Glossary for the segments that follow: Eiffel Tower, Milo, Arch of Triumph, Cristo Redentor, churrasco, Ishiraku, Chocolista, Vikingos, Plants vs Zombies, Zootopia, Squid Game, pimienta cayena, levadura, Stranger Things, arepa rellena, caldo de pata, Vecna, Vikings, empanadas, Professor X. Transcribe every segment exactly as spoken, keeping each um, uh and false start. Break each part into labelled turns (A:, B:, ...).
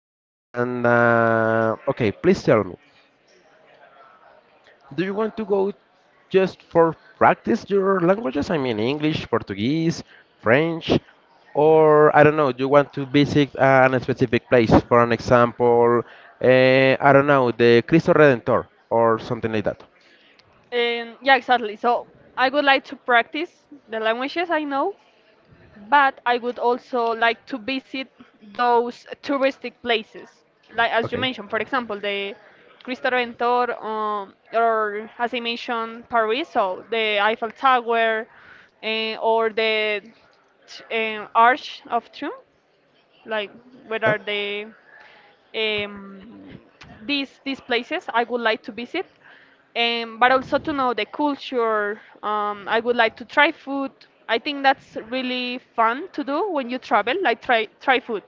A: And uh, okay, please tell me, do you want to go just for practice your languages? I mean, English, Portuguese, French, or I don't know, do you want to visit an specific place? For an example, uh, I don't know, the Cristo Redentor or something like that.
B: And yeah, exactly. So I would like to practice the languages I know, but I would also like to visit those touristic places, like as you mentioned, for example, the Cristo Redentor, um, or as I mentioned, Paris, so the Eiffel Tower, eh, or the t- eh, Arch of Triumph, like where are they? um, these these places I would like to visit, um, but also to know the culture. Um, I would like to try food. I think that's really fun to do when you travel, like try try food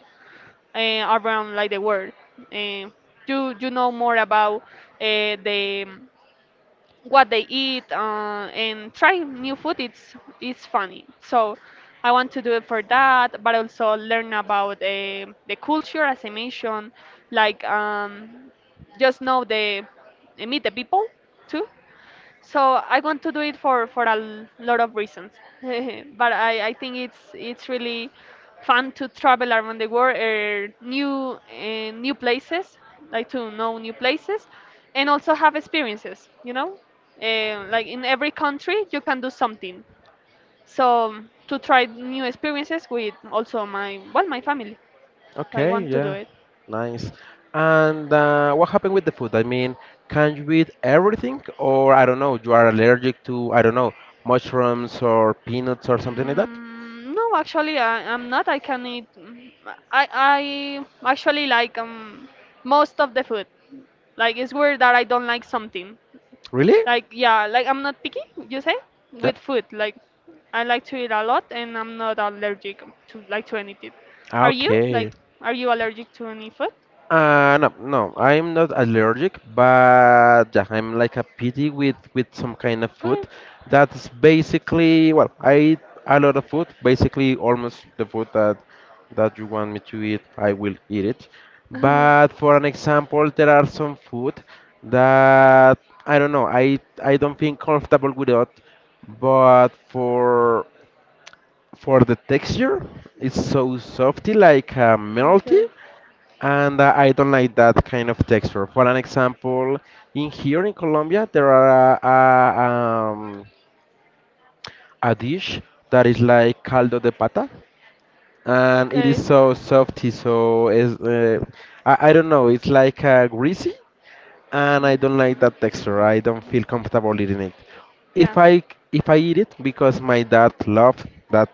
B: uh, around like the world. Uh, you you know more about uh, the what they eat, uh, and try new food. It's it's funny, so I want to do it for that, but also learn about uh, the culture, as I mentioned, like, um, just know the, meet the people too. So I want to do it for for a l- lot of reasons. But I, I think it's it's really fun to travel around the world, uh, new uh, new places, like to know new places, and also have experiences. You know, uh, like in every country you can do something. So to try new experiences with also my, well, my family. So, I
A: Okay,
B: want to do
A: yeah,
B: it.
A: nice. And uh, what happened with the food? I mean, can you eat everything, or I don't know, you are allergic to, I don't know, mushrooms or peanuts or something like that?
B: Mm, no, actually, I, I'm not. I can eat. mm, I I actually like um most of the food. Like it's weird that I don't like something.
A: Really?
B: Like, yeah, like I'm not picky. You say
A: Yep.
B: with food. Like I like to eat a lot, and I'm not allergic to like to anything. Are you
A: Okay.
B: like Are you allergic to any food?
A: Uh, no, no, I'm not allergic, but yeah, I'm like a pity with with some kind of food.
B: Okay.
A: That's basically, well, I eat a lot of food, basically almost the food that that you want me to eat, I will eat it. But for an example, there are some food that I don't know, I I don't feel comfortable without, but for for the texture, it's so softy, like uh, melty
B: Okay.
A: and uh, I don't like that kind of texture. For an example, in here in Colombia, there are a, a, um, a dish that is like caldo de pata, and it is
B: Okay.
A: so softy, so is uh, I, I don't know, it's like uh, greasy, and I don't like that texture. I don't feel comfortable eating it. If
B: Yeah.
A: I if I eat it because my dad loved that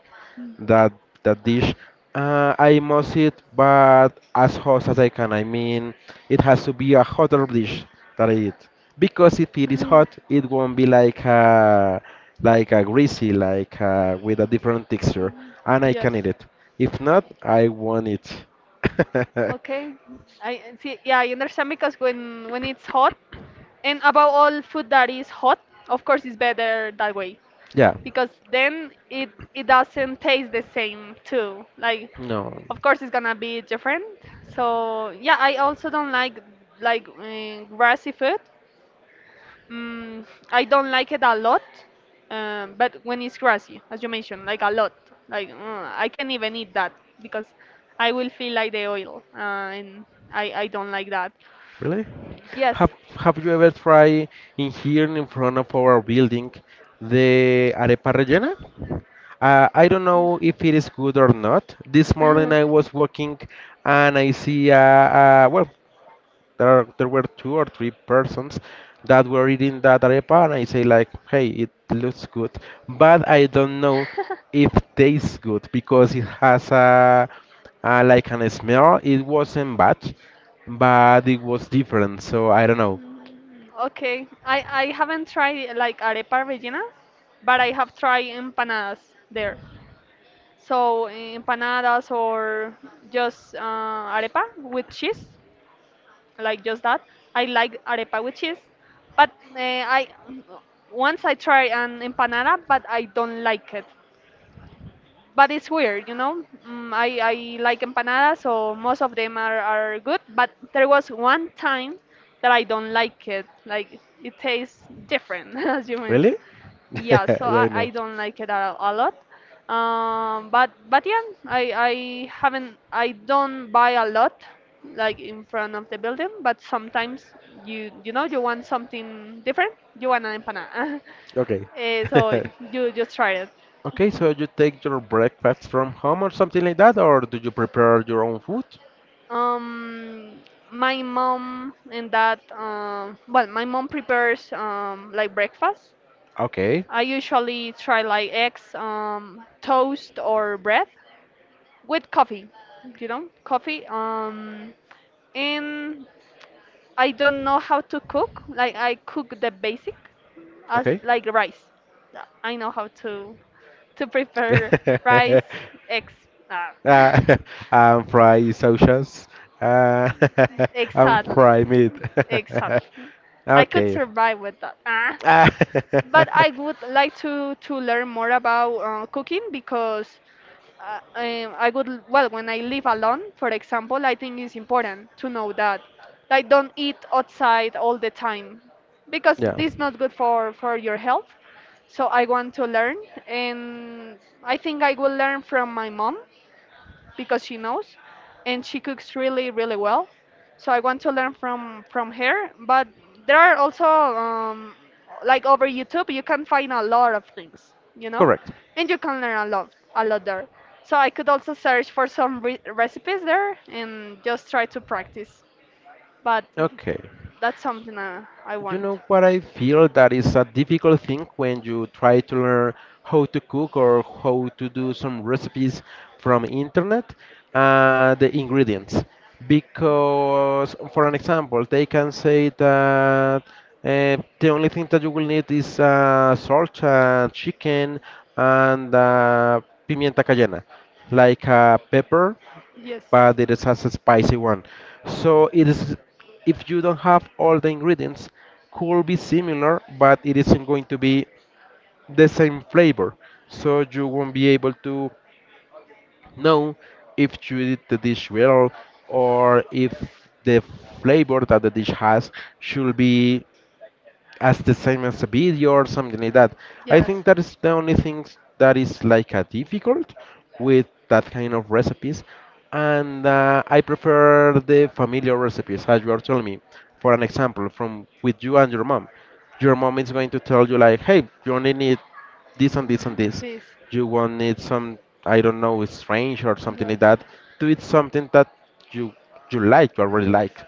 A: that that dish, uh, I must eat, but as hot as I can. I mean, it has to be a hotter dish that I eat because if it is
B: Uh-huh.
A: hot, it won't be like a like a greasy, like a, with a different texture, and I
B: Yes.
A: can eat it. If not, I won't eat.
B: Okay. I see. Yeah, I understand, because when when it's hot. And above all, food that is hot, of course, is better that way,
A: Yeah.
B: because then it it doesn't taste the same too. Like,
A: No.
B: of course, it's gonna be different. So yeah, I also don't like like uh, grassy food. Mm, I don't like it a lot, um, but when it's grassy, as you mentioned, like a lot, like, mm, I can't even eat that, because I will feel like the oil, uh, and I I don't like that.
A: Really?
B: Yes,
A: Have Have you ever tried in here in front of our building the arepa rellena? Uh, I don't know if it is good or not. This morning I was walking and I see a, a well there are there were two or three persons that were eating that arepa, and I say like, hey, it looks good, but I don't know if tastes good because it has a, a like an smell. It wasn't bad, but it was different. So I don't know.
B: mm, okay, I I haven't tried like arepa rellena, but I have tried empanadas there. So, eh, empanadas, or just uh, arepa with cheese, like just that. I like arepa with cheese, but uh, I once I tried an empanada, but I don't like it, but it's weird, you know. Mm, I, I like empanadas, so most of them are, are good. But there was one time that I don't like it. Like it tastes different, as you
A: Really?
B: mentioned. Yeah, so
A: yeah,
B: I,
A: I
B: I
A: know.
B: don't like it a, a lot. Um, but but yeah, I I haven't I don't buy a lot, like in front of the building. But sometimes you you know you want something different. You want an empanada.
A: Okay.
B: Eh, so you just try it.
A: Okay, so you take your breakfast from home or something like that, or do you prepare your own food?
B: Um, my mom and dad, um, well, my mom prepares um, like breakfast.
A: Okay.
B: I usually try like eggs, um, toast, or bread with coffee, you know, coffee. Um, and I don't know how to cook. Like I cook the basic, as
A: Okay.
B: like rice. Yeah, I know how to to prepare rice, eggs. Ah.
A: Uh, and fry sausages. Uh, and
B: Exactly.
A: fry meat.
B: Exactly. I could
A: Okay.
B: survive with that. Ah.
A: Ah,
B: But I would like to to learn more about uh, cooking, because uh, um, I would l- well when I live alone, for example, I think it's important to know that, like, don't eat outside all the time, because
A: yeah.
B: this is not good for for your health. So I want to learn, and I think I will learn from my mom, because she knows, and she cooks really really well. So I want to learn from from her, but there are also, um, like, over YouTube you can find a lot of things you know
A: Correct.
B: And you can learn a lot a lot there, so I could also search for some re- recipes there and just try to practice. But
A: Okay.
B: that's something uh, I
A: You
B: want.
A: know what I feel that is a difficult thing when you try to learn how to cook or how to do some recipes from internet, uh, the ingredients. Because, for an example, they can say that uh, the only thing that you will need is uh, salt, uh, chicken, and uh, pimienta cayena, like uh, pepper
B: Yes.
A: but it is has a spicy one. So it is if you don't have all the ingredients, could be similar, but it isn't going to be the same flavor. So you won't be able to know if you did the dish well or if the flavor that the dish has should be as the same as a video or something like that. I
B: Yes,
A: think that is the only thing that is like a difficult with that kind of recipes, and uh, I prefer the familiar recipes as you are telling me. For an example, from with you and your mom, your mom is going to tell you like, hey, you only need this and this and this.
B: this.
A: You won't need some, I don't know, strange or something
B: Yes.
A: like that. Do it something that you you like, you already
B: Yes.
A: like.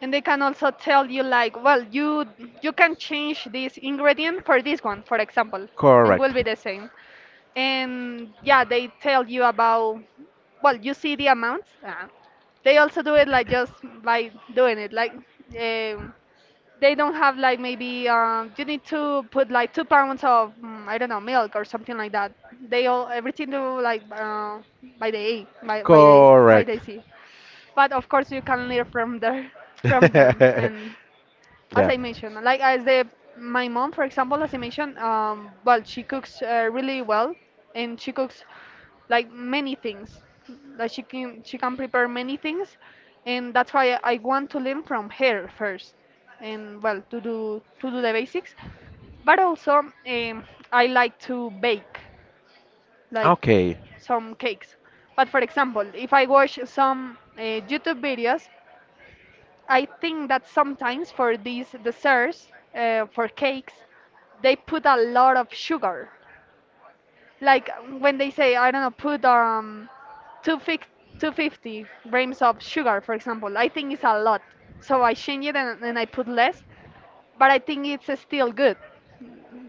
B: And they can also tell you, like, well, you you can change this ingredient for this one, for example, and will
A: Correct.
B: be the same. And yeah, they tell you about, well, you see the amounts. Uh, they also do it like just by doing it. Like, um, they don't have, like, maybe um, you need to put like two pounds of, mm, I don't know, milk or something like that. They all everything do like uh, by the A, by by the by
A: Correct.
B: they see. But of course you can learn from there from them. And, as
A: Yeah.
B: I mentioned, like, as the my mom, for example, as I mentioned, um well, she cooks uh, really well. And she cooks like many things, like she can she can prepare many things. And that's why I want to learn from her first, and, well, to do to do the basics. But also, um, I like to bake, like
A: Okay.
B: some cakes. But for example, if I watch some uh, YouTube videos, I think that sometimes for these desserts, uh, for cakes, they put a lot of sugar. Like when they say, I don't know, put um, 250 250 grams of sugar, for example. I think it's a lot. So I change it, and, and I put less, but I think it's uh, still good.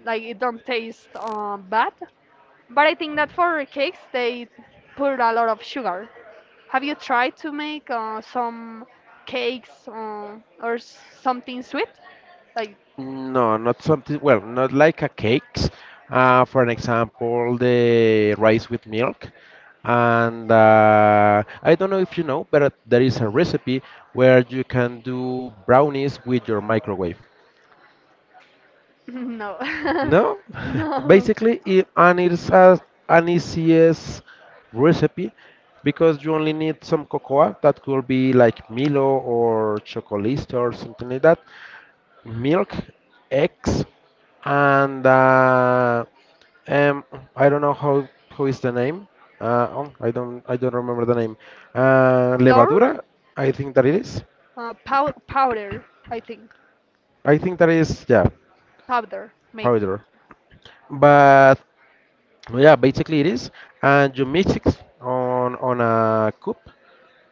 B: Like it don't taste uh, bad. But I think that for cakes, they put a lot of sugar. Have you tried to make uh, some cakes, uh, or something sweet? Like,
A: No, not something. Well, not like a cakes. Uh, for an example, the rice with milk. And uh, I don't know if you know, but there is a recipe where you can do brownies with your microwave.
B: no.
A: No,
B: No.
A: basically, it, and it's a, an easiest recipe because you only need some cocoa that could be like Milo or Chocolista or something like that. Milk, eggs, and uh, um, I don't know how who is the name. Uh, oh, I don't I don't remember the name. Uh,
B: Flour?
A: Levadura, I think that it is.
B: Uh, pow powder, I think.
A: I think that is yeah
B: Powder, maybe.
A: powder. But yeah, basically it is, and you mix it on on a cup,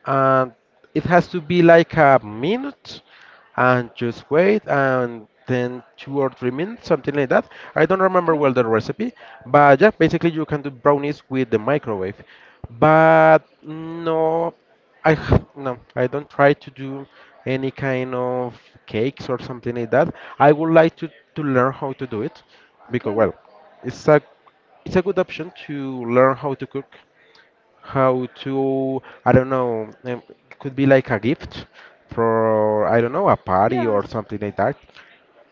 A: and it has to be like a minute and just wait and then two or three minutes something like that. I don't remember well the recipe, but yeah basically you can do brownies with the microwave. But no i h- no, I don't try to do any kind of cakes or something like that. I would like to to learn how to do it
B: Okay.
A: because
B: Okay.
A: well it's a it's a good option to learn how to cook, how to I don't know um, could be like a gift for I don't know a party
B: Yes.
A: or something like that.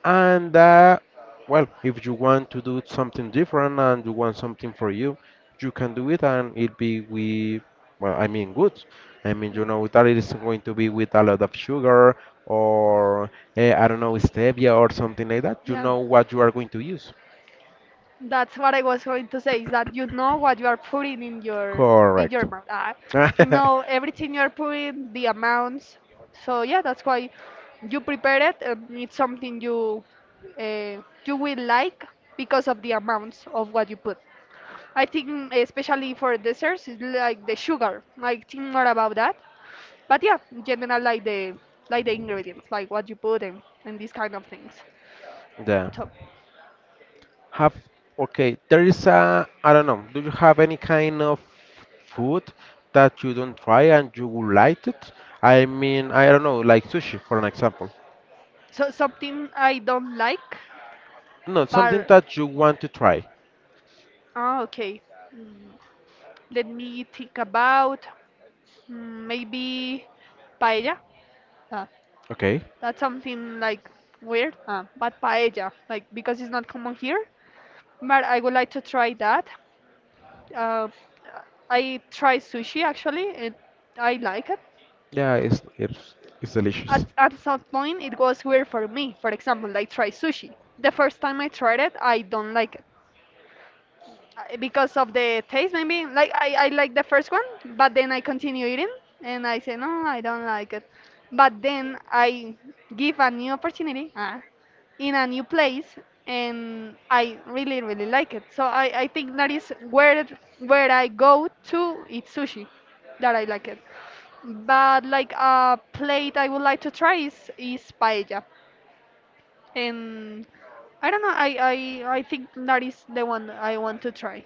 A: And uh, well if you want to do something different and you want something for you, you can do it and it be with well I mean good, I mean you know that it isn't going to be with a lot of sugar or eh, I don't know stevia or something like that, you
B: Yeah. Yeah.
A: know what you are going to use.
B: That's what I was going to say, is that you know what you are putting in your in
A: Correct.
B: your mouth. Ah, you know everything you are putting, the amounts. So yeah, that's why you prepare it, and it's something you uh, you will like, because of the amounts of what you put. I think especially for desserts, it's like the sugar. I think more about that. But yeah, in general, like the like the ingredients, like what you put in, and these kind of things.
A: yeah.
B: So,
A: Have Okay, there is a I don't know. Do you have any kind of food that you don't try and you would like it? I mean, I don't know, like sushi for an example.
B: so something I don't like.
A: No, something
B: Bar.
A: that you want to try.
B: Ah, okay. Mm, Let me think about, mm, maybe paella. Ah,
A: Okay.
B: that's something like weird, ah, but paella, like, because it's not common here. But I would like to try that. Uh, I tried sushi actually, and I like it.
A: Yeah, it's it's, it's delicious.
B: At at some point, it was weird for me. For example, like, try sushi. The first time I tried it, I don't like it. I- because of the taste maybe, like I, I like the first one, but then I continue eating, and I say no, I don't like it. But then I give a new opportunity, ah, in a new place, and I really really like it. So i, I think that is where it- where I go to eat sushi, that I like it. But, like, a plate I would like to try is, is paella. And I don't know, I, I i think that is the one I want to try.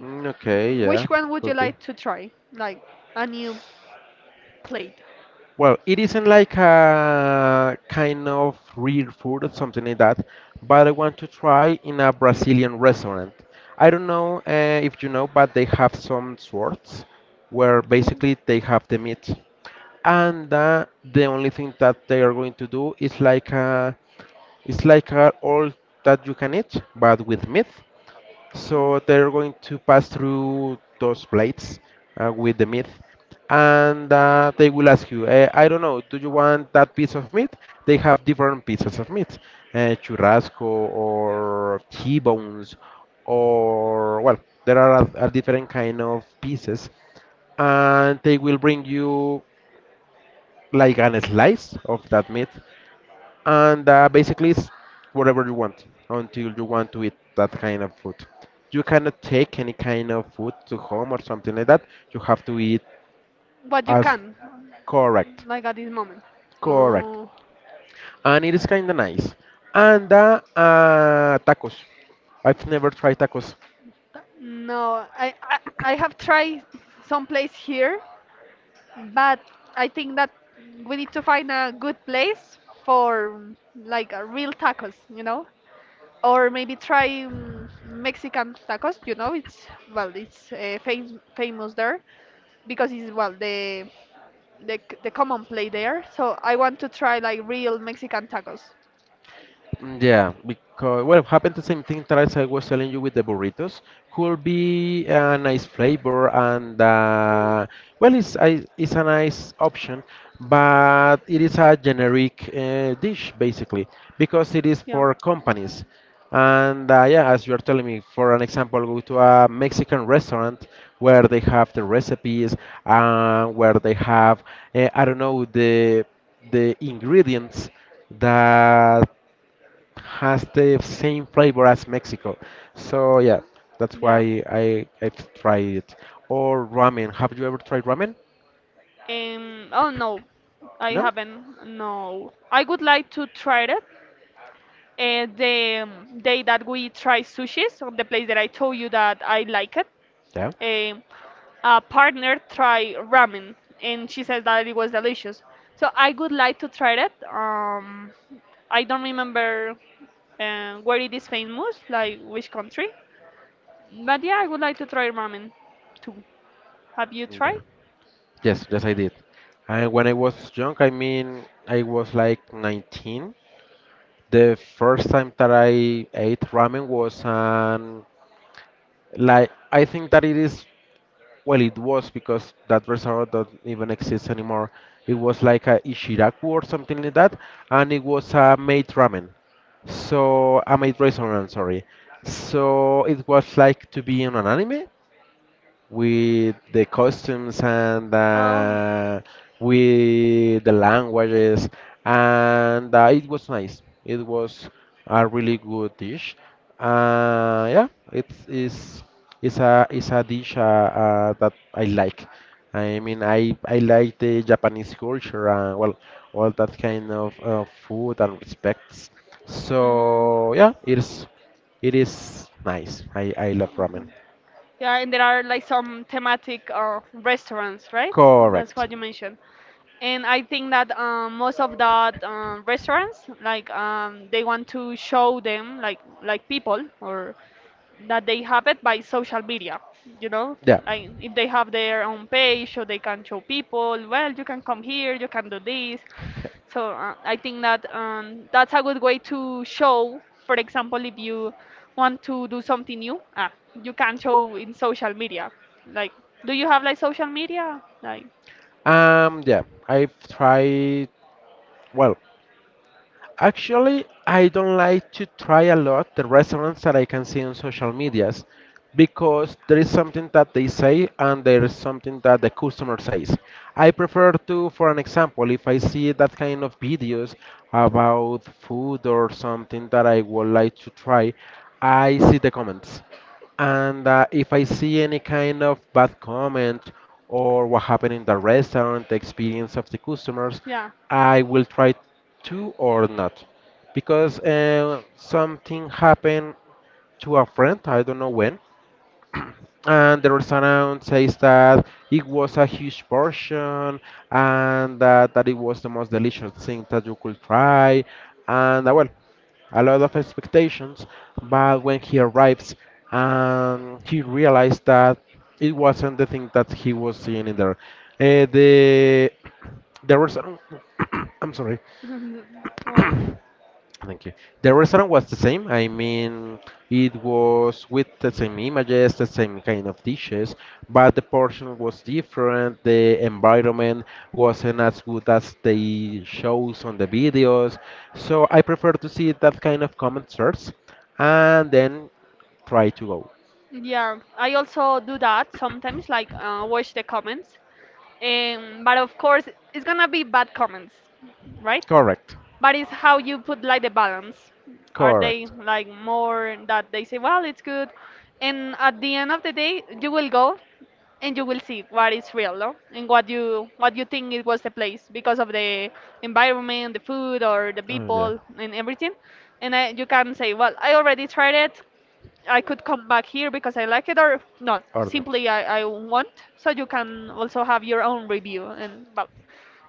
A: Mm, okay, yeah,
B: Which one would you
A: could be.
B: like to try? Like, a new plate.
A: Well, it isn't like a kind of real food or something like that, but I want to try in a Brazilian restaurant. I don't know uh, if you know, but they have some sorts where
B: Okay.
A: basically they have the meat, and uh, the only thing that they are going to do is like a, it's like a all that you can eat, but with meat. So they're going to pass through those blades uh, with the meat, and uh, they will ask you, eh, I don't know, do you want that piece of meat? They have different pieces of meat, uh, churrasco or T-bones, or well, there are a, a different kind of pieces, and they will bring you like an slice of that meat, and uh, basically it's whatever you want until you want to eat that kind of food. You cannot take any kind of food to home or something like that. You have to eat
B: But you
A: as
B: can,
A: correct,
B: like, at this moment.
A: correct,
B: Oh
A: and it is kind of nice. And uh, uh, tacos. I've never tried tacos.
B: no, I, I I have tried some place here, but I think that we need to find a good place for, like, a real tacos, you know? Or maybe try mm, Mexican tacos. You know, it's well, it's uh, fam famous there, because it's, well, the the c- the common play there. So I want to try, like, real Mexican tacos.
A: Yeah, because well, happened the same thing that as I was telling you with the burritos. Could be a nice flavor and uh, well, it's I- it's a nice option, but it is a generic uh, dish basically because it is
B: Yeah.
A: for companies. And uh, yeah, as you are telling me, for an example, go to a Mexican restaurant where they have the recipes and where they have uh, I don't know the the ingredients that has the same flavor as Mexico. So yeah, that's
B: Yeah.
A: why I I've tried it. Or ramen. Have you ever tried ramen?
B: Um, oh no, I
A: No?
B: haven't. No, I would like to try it. Uh, the um, day that we try sushis, on the place that I told you that I like it,
A: Yeah.
B: um a partner tried ramen, and she says that it was delicious. So I would like to try it. Um, I don't remember uh, where it is famous, like which country. But yeah, I would like to try ramen too. Have you tried?
A: Yeah. Yes, yes I did. And when I was young, I mean I was like nineteen. The first time that I ate ramen was um like I think that it is well, it was because that restaurant doesn't even exist anymore. It was like a Ishiraku or something like that, and it was a made ramen. So, a made restaurant, sorry. So, it was like to be in an anime, with the costumes and
B: Oh.
A: uh, with the languages, and uh, it was nice. It was a really good dish. Uh, yeah, it's is it's a it's a dish uh, uh, that I like. I mean, I I like the Japanese culture and well, all that kind of uh, food and respects.
B: Mm.
A: So yeah, it is it is nice. I I love ramen.
B: Yeah, and there are, like, some thematic uh, restaurants, right? That's
A: Correct.
B: what you mentioned. And I think that, um, most of that, um, restaurants, like, um, they want to
A: Yeah.
B: show them, like, like people, or that they have it by social media you know like if they have their own page, so they can show people, well, you can come here, you can do this. So uh, I think that, um, that's a good way to show, for example, if you want to do something new, ah, you can show in social media, like, do you have like social media, like,
A: Um, yeah, I've tried, well, actually, I don't like to try a lot the restaurants that I can see on social medias because there is something that they say and there is something that the customer says. I prefer to, for an example, if I see that kind of videos about food or something that I would like to try, I see the comments. And uh, if I see any kind of bad comment or what happened in the restaurant, the experience of the customers,
B: yeah.
A: I will try to or not because uh, something happened to a friend, I don't know when, and the restaurant says that it was a huge portion and that, that it was the most delicious thing that you could try, and uh, well, a lot of expectations. But when he arrives and he realized that it wasn't the thing that he was seeing in there. Uh, the The restaurant I'm sorry.
B: Or
A: Thank you. The restaurant was the same. I mean, it was with the same images, the same kind of dishes, but the portion was different. The environment wasn't as good as they shows on the videos. So I prefer to see that kind of comment first and then try to go.
B: yeah, I also do that sometimes, like, uh, watch the comments. Um, but of course, it's gonna be bad comments, right?
A: Correct.
B: But it's how you put, like, the balance. Are they
A: Correct.
B: like more that they say, well, it's good, and at the end of the day, you will go and you will see what is real, no? And what you what you think it was the place because of the environment, the food, or the
A: Oh yeah.
B: people and everything. And I, you can say, well, I already tried it. I could come back here because I like it or not.
A: Or not.
B: Simply I, I want. So you can also have your own review, and well,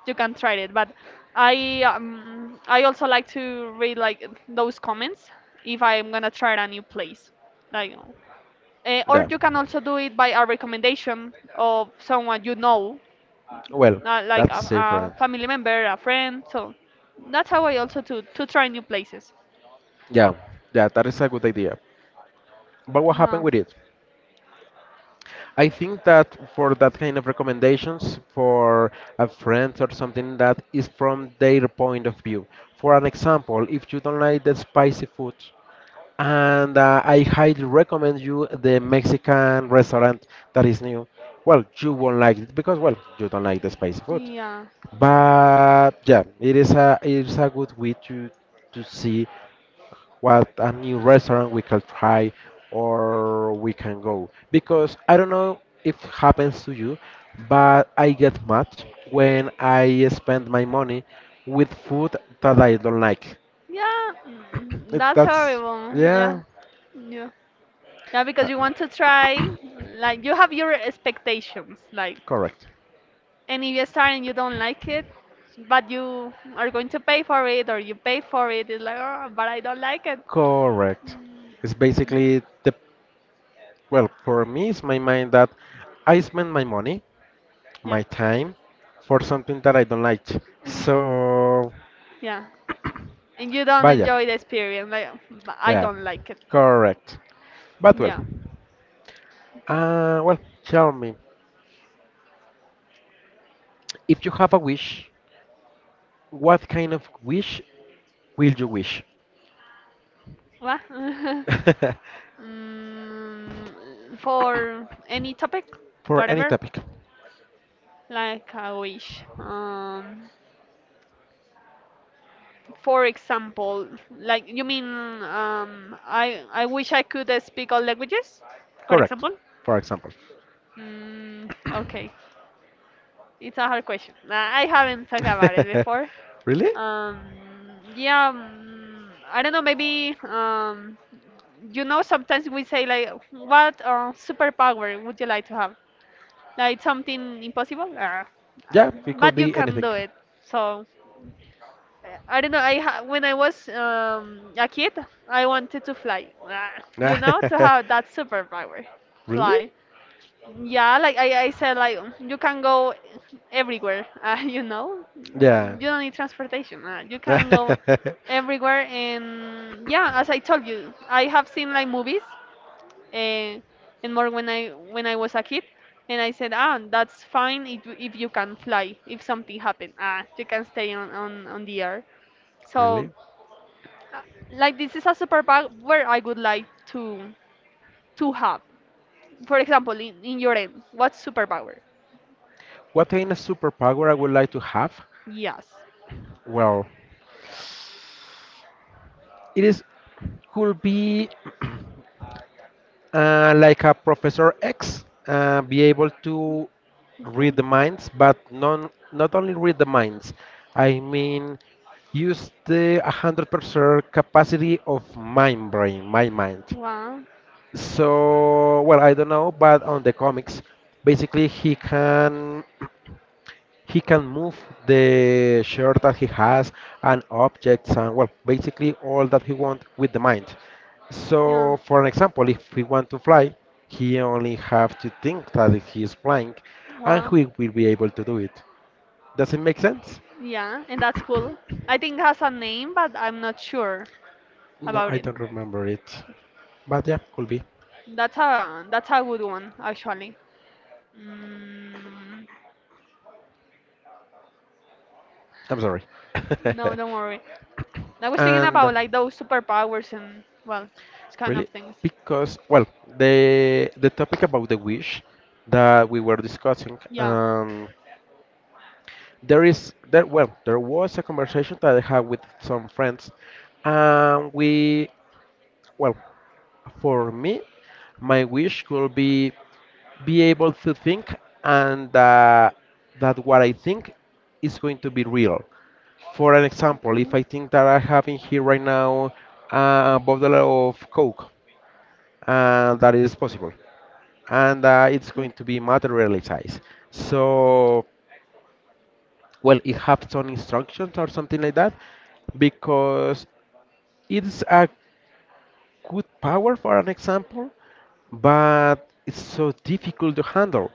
B: you can try it. But I um, I also like to read like those comments if I'm gonna try a new place. Like uh, or
A: Yeah.
B: you can also do it by a recommendation of someone you know,
A: Well,
B: uh, like a,
A: that's different.
B: a family member, a friend. So that's how I also to to try new places.
A: Yeah, yeah, that is a good idea. But what happened
B: Yeah,
A: with it? I think that for that kind of recommendations for a friend or something that is from their point of view. For an example, if you don't like the spicy food, and uh, I highly recommend you the Mexican restaurant that is new. Well, you won't like it because well, you don't like the spicy food.
B: yeah.
A: But yeah, it is a it is a good way to to see what a new restaurant we can try or we can go. Because I don't know if happens to you, but I get mad when I spend my money with food that I don't like.
B: Yeah, mm,
A: It-
B: that's
A: That's,
B: horrible.
A: yeah,
B: Yeah, yeah, yeah.
A: uh,
B: Because you want to try, like you have your expectations, like,
A: correct.
B: and if you start and you don't like it, but you are going to pay for it or you paid for it, it's like, oh, but I don't like it.
A: Correct. It's basically the, well, for me, it's my mind that I spend my money,
B: Yeah,
A: my time for something that I don't like. So,
B: yeah, and you don't
A: vaya.
B: enjoy the experience. Like, "But I
A: Yeah,
B: don't like it."
A: correct. But well,
B: Yeah.
A: uh, well, tell me, if you have a wish, what kind of wish will you wish?
B: What? mm, for any topic,
A: For any
B: whatever,
A: topic.
B: like I wish. Um. For example, like you mean, um, I I wish I could uh, speak all languages, for
A: Correct,
B: example.
A: for example.
B: Mm, okay, it's a hard question. I I haven't talked about it before.
A: Really?
B: Um, yeah, mm, I don't know. Maybe um, you know, sometimes we say, like, what uh, superpower would you like to have? Like something impossible. Ah,
A: Yeah, it could
B: but you
A: be
B: can
A: anything.
B: do it. So Uh, I don't know. I ha- when I was um, a kid, I wanted to fly. Ah, You know, to have that superpower,
A: Really?
B: fly. Yeah, like I, I said, like, you can go everywhere. Uh, you know,
A: Yeah.
B: you don't need transportation. Uh, you can go everywhere, and yeah, as I told you, I have seen like movies, uh, and more when I when I was a kid. And I said, ah, that's fine. If, you- if you can fly, if something happened, ah, you can stay on, on, on the air. So
A: Really?
B: uh, like, this is a superpower I would like to to have. For example, in, in your end, what superpower?
A: What kind of superpower I would like to have?
B: Yes.
A: Well, it is could be uh, like a Professor X, uh, be able to
B: Okay.
A: read the minds, but non, not only read the minds, I mean use the one hundred percent capacity of my brain, my mind.
B: Wow.
A: So, well, I don't know, but on the comics, basically he can he can move the shirt that he has and objects and well, basically all that he wants with the mind.
B: Yeah.
A: So, for an example, if he want to fly, he only have to think that he is flying, and
B: Wow.
A: he will be able to do it. Does it make sense?
B: Yeah, and that's cool. I think it has a name, but I'm not sure
A: No,
B: about
A: I
B: it.
A: don't remember it, but yeah, could be.
B: That's a that's a good one, actually. Mm,
A: I'm sorry.
B: no, don't worry. I was thinking
A: And
B: about like those superpowers and, well, it's kind of
A: really?
B: things.
A: Because, well, the the topic about the wish that we were discussing,
B: Yeah.
A: um, there is there well, there was a conversation that I had with some friends, and we, well, for me, my wish could be be able to think and uh, that what I think is going to be real. For an example, if
B: Okay.
A: I think that I have in here right now uh, a bottle of Coke, uh, that is possible. And uh, it's going to be materialized. So, well, it have some instructions or something like that because it's a good power for an example, but it's so difficult to handle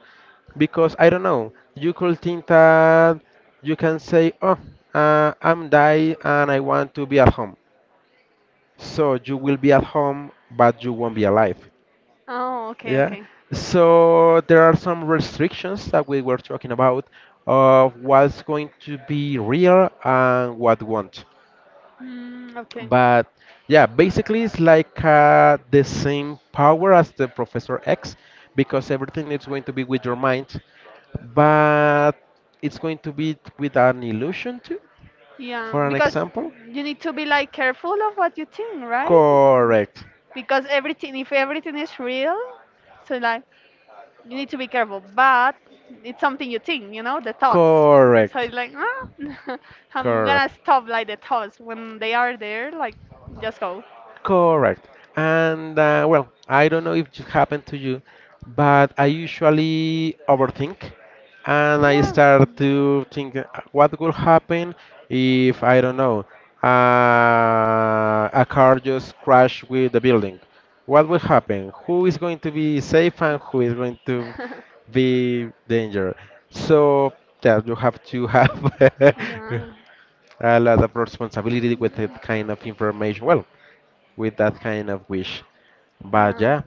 A: because I don't know. You could think that you can say, "Oh, uh, I'm die and I want to be at home." So you will be at home, but you won't be alive.
B: Oh, okay,
A: Yeah.
B: okay.
A: So there are some restrictions that we were talking about of what's going to be real and what won't.
B: Mm, okay.
A: But yeah, basically it's like uh, the same power as the Professor X because everything is going to be with your mind, but it's going to be with an illusion too,
B: Yeah,
A: for an
B: because
A: example.
B: you need to be like careful of what you think, right? Mm,
A: Correct.
B: because everything, if everything is real, so like you need to be careful. But it's something you think, you know, the thoughts. So
A: Correct.
B: it's like, ah, I'm
A: Correct.
B: gonna stop like the thoughts when they are there. Like, just go.
A: Correct. And uh, well, I don't know if it happened to you, but I usually overthink and I
B: Yeah.
A: start to think uh, what will happen if, I don't know, uh, a car just crashed with the building. What will happen? Who is going to be safe and who is going to be danger? So that you have to have
B: Yeah.
A: a lot of responsibility with
B: Mm,
A: that kind of information. Well, with that kind of wish. But
B: yeah.
A: yeah,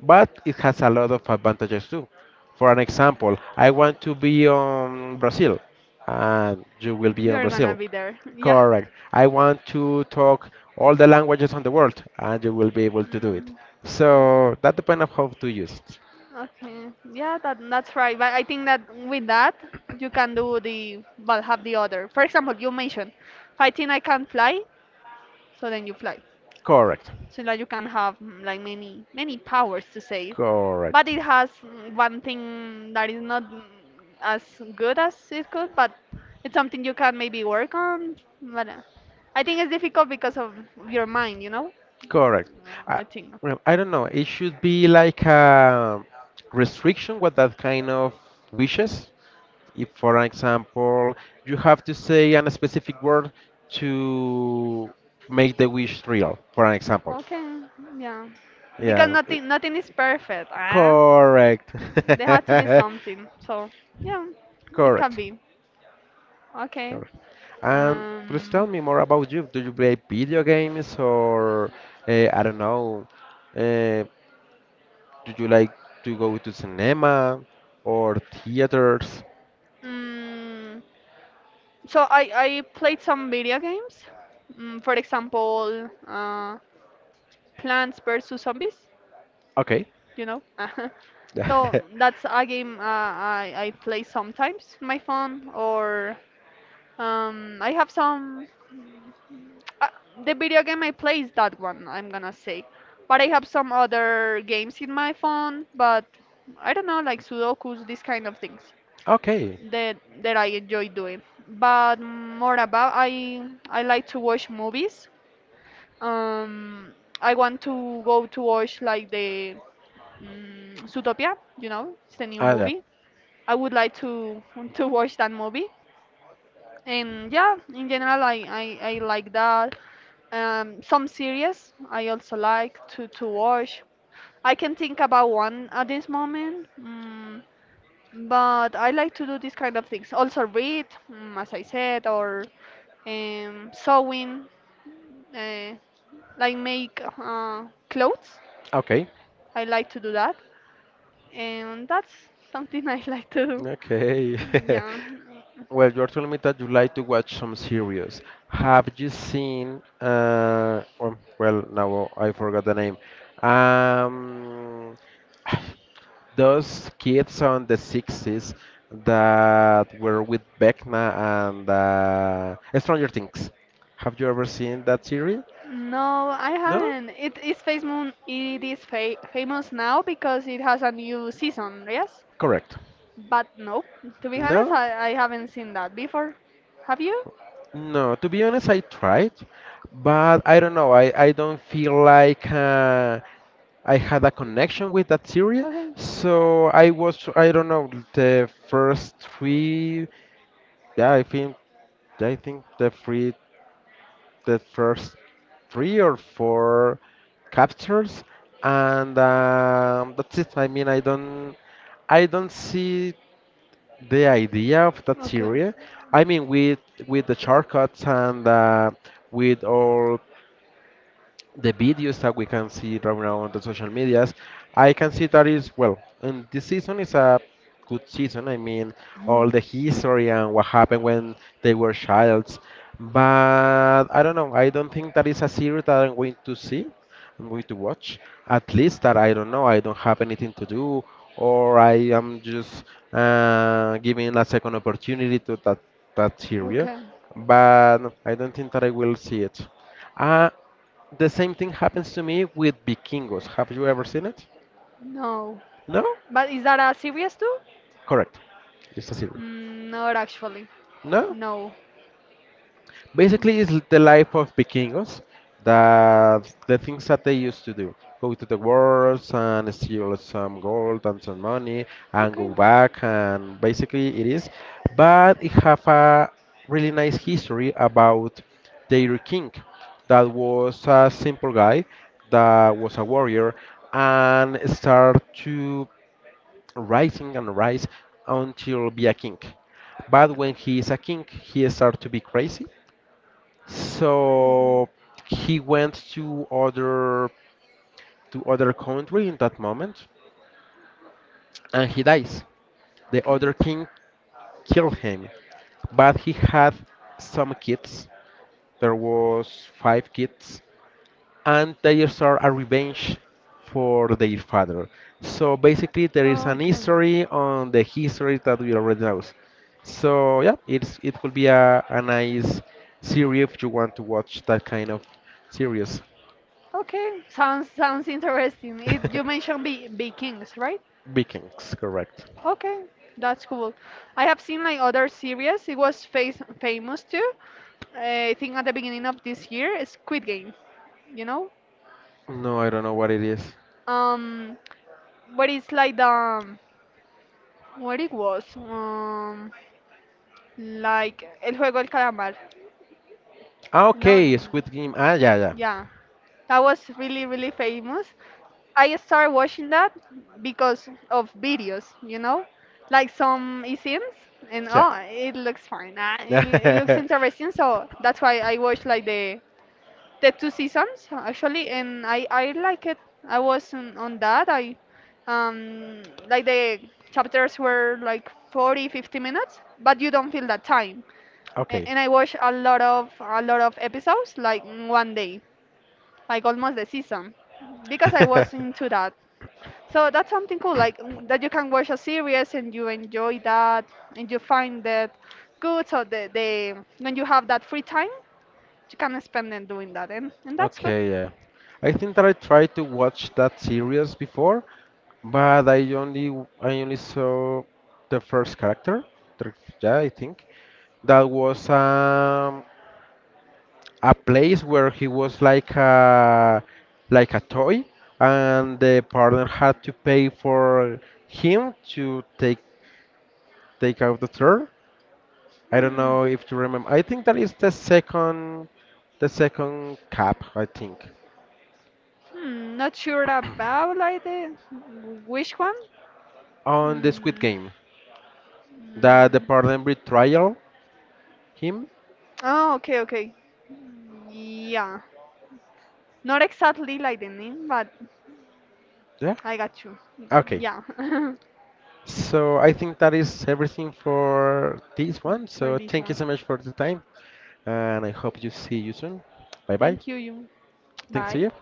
A: but it has a lot of advantages too. For an example, I want to be on Brazil, and you will be on
B: You're gonna
A: Brazil.
B: be there. Yeah.
A: Correct. I want to talk all the languages on the world, and you will be able to do it.
B: Mm. Yeah.
A: So that depends on how to use it.
B: Okay. Yeah, that that's right. But I think that with that you can do the but have the other. For example, you mentioned fighting. I can not fly, so then you fly.
A: Correct.
B: So that you can have mm, like, many many powers to save, but
A: Correct.
B: it has mm, one thing that is not mm, as good as it could. But it's something you can maybe work on. But uh, I think it's difficult because of your mind you know
A: Correct. I,
B: Uh, I think,
A: well, I don't know. It should be like a restriction with that kind of wishes if, for example, you have to say a specific word to make the wish real, for an example.
B: okay, yeah, because
A: Yeah, i-
B: nothing nothing is perfect. ah
A: correct.
B: there had to be something, so yeah, it can
A: Correct,
B: be okay.
A: correct. And please
B: um
A: tell me more about you. Do you play video games or uh, I don't know, uh, do you like to go to cinema or theaters?
B: mm, So I, I played some video games. Mm, for example, uh, Plants vs Zombies,
A: Okay.
B: you know. So that's a game, uh, I, I play sometimes on my phone, or um, I have some uh, the video game I play is that one, I'm gonna say. But I have some other games in my phone, but I don't know, like Sudokus, these kind of things
A: Okay.
B: that that I enjoy doing. But more about, I I like to watch movies. Um, I want to go to watch, like, the mm Zootopia, you know, it's a new
A: Ah, yeah.
B: movie. I would like to to watch that movie. And yeah, in general, I, I, I like that. Um, some series I also like to, to watch. I can think about one at this moment. Mm But I like to do these kind of things. Also, read, mm, as I said, or um, sewing, uh, like, make uh, clothes.
A: Okay,
B: I like to do that, and that's something I like to do.
A: okay.
B: Mm, yeah.
A: Well, you're telling me that you like to watch some series. Have you seen, uh, or, well, now I forgot the name. Um, those kids on the sixties that were with Vecna and uh, Stranger Things. Have you ever seen that series?
B: No, I
A: No?
B: haven't. It is famous. It is fa famous now because it has a new season. Yes,
A: Correct.
B: but no. To be honest,
A: No?
B: I, I haven't seen that before. Have you?
A: No. To be honest, I tried, but I don't know. I, I don't feel like uh, I had a connection with that series,
B: Okay.
A: so I was I don't know the first three. Yeah, I think I think the three the first three or four captures, and um, that's it. I mean, I don't I don't see the idea of that
B: Okay.
A: series. I mean, with with the shortcuts and uh, with all the videos that we can see right now on the social medias, I can see that is well. And this season is a good season. I mean, all
B: Mm,
A: the history and what happened when they were childs. But I don't know. I don't think that is a series that I'm going to see. I'm going to watch. At least that I don't know. I don't have anything to do, or I am just uh, giving a second opportunity to that that series.
B: okay.
A: But no, I don't think that I will see it. Uh, the same thing happens to me with Vikingos. Have you ever seen it?
B: No.
A: No?
B: But is that a series too?
A: Correct. It's a series.
B: Mm, not actually.
A: No?
B: No.
A: Basically, it's the life of Vikingos, that the things that they used to do. Go to the wars and steal some gold and some money and
B: Okay.
A: go back and basically it is. But it have a really nice history about their king that was a simple guy that was a warrior and start to rising and rise until be a king. But when he is a king, he start to be crazy.
B: Mm,
A: So he went to other to other country in that moment, and he dies. The
B: okay.
A: other king killed him, but he had some kids. There was five kids, and they are a revenge for their father. So basically, there is
B: No,
A: an
B: okay.
A: history on the history that we already know. So yeah, it's it could be a, a nice series if you want to watch that kind of series.
B: Okay. Sounds sounds interesting. It, you mentioned Be Vikings, right?
A: Vikings, correct.
B: Okay. That's cool. I have seen like other series. It was face famous too. I think at the beginning of this year, Squid Game. You know?
A: No, I don't know what it is.
B: Um, but it's like the what it was? Um, like El Juego del Calamar.
A: Ah,
B: No,
A: okay, Squid
B: l-
A: Game. Ah, yeah, yeah.
B: yeah, that was really really famous. I started watching that because of videos, you know, like some isms, and oh, it looks fine. Ah, it, it looks
A: Yeah.
B: interesting, so that's why I watch like the the two seasons actually, and i i like it. I was on, on that. I um like the chapters were like forty fifty minutes, but you don't feel that time. A-
A: Okay.
B: and I watched a lot of a lot of episodes like in one day, like almost the season, because I was into that. So that's something cool, like, mm, that you can watch a series and you enjoy that and you find that good. So the, the, when you have that free time you can spend it doing that, and, and that's good.
A: Okay, yeah. I think that I tried to watch that series before, but I only I only saw the first character. the- Yeah, I think that was um, a place where he was like a like a toy, and the partner had to pay for him to take take out the tour, I don't know if you remember. I think that is the second, the second cap, I think,
B: Hmm, not sure about like the which one.
A: on the Squid
B: Hmm.
A: Game that the
B: mm,
A: pardon betrayal him.
B: Oh, okay, okay. Mm, yeah, not exactly like the name, but
A: Yeah.
B: I got you.
A: Okay.
B: Yeah,
A: So I think that is everything for this
B: for
A: one.
B: for
A: So
B: this
A: thank you
B: one.
A: so much for the time, and I hope you see you soon. Bye bye.
B: Thank you. you.
A: Thanks to
B: Bye.
A: you.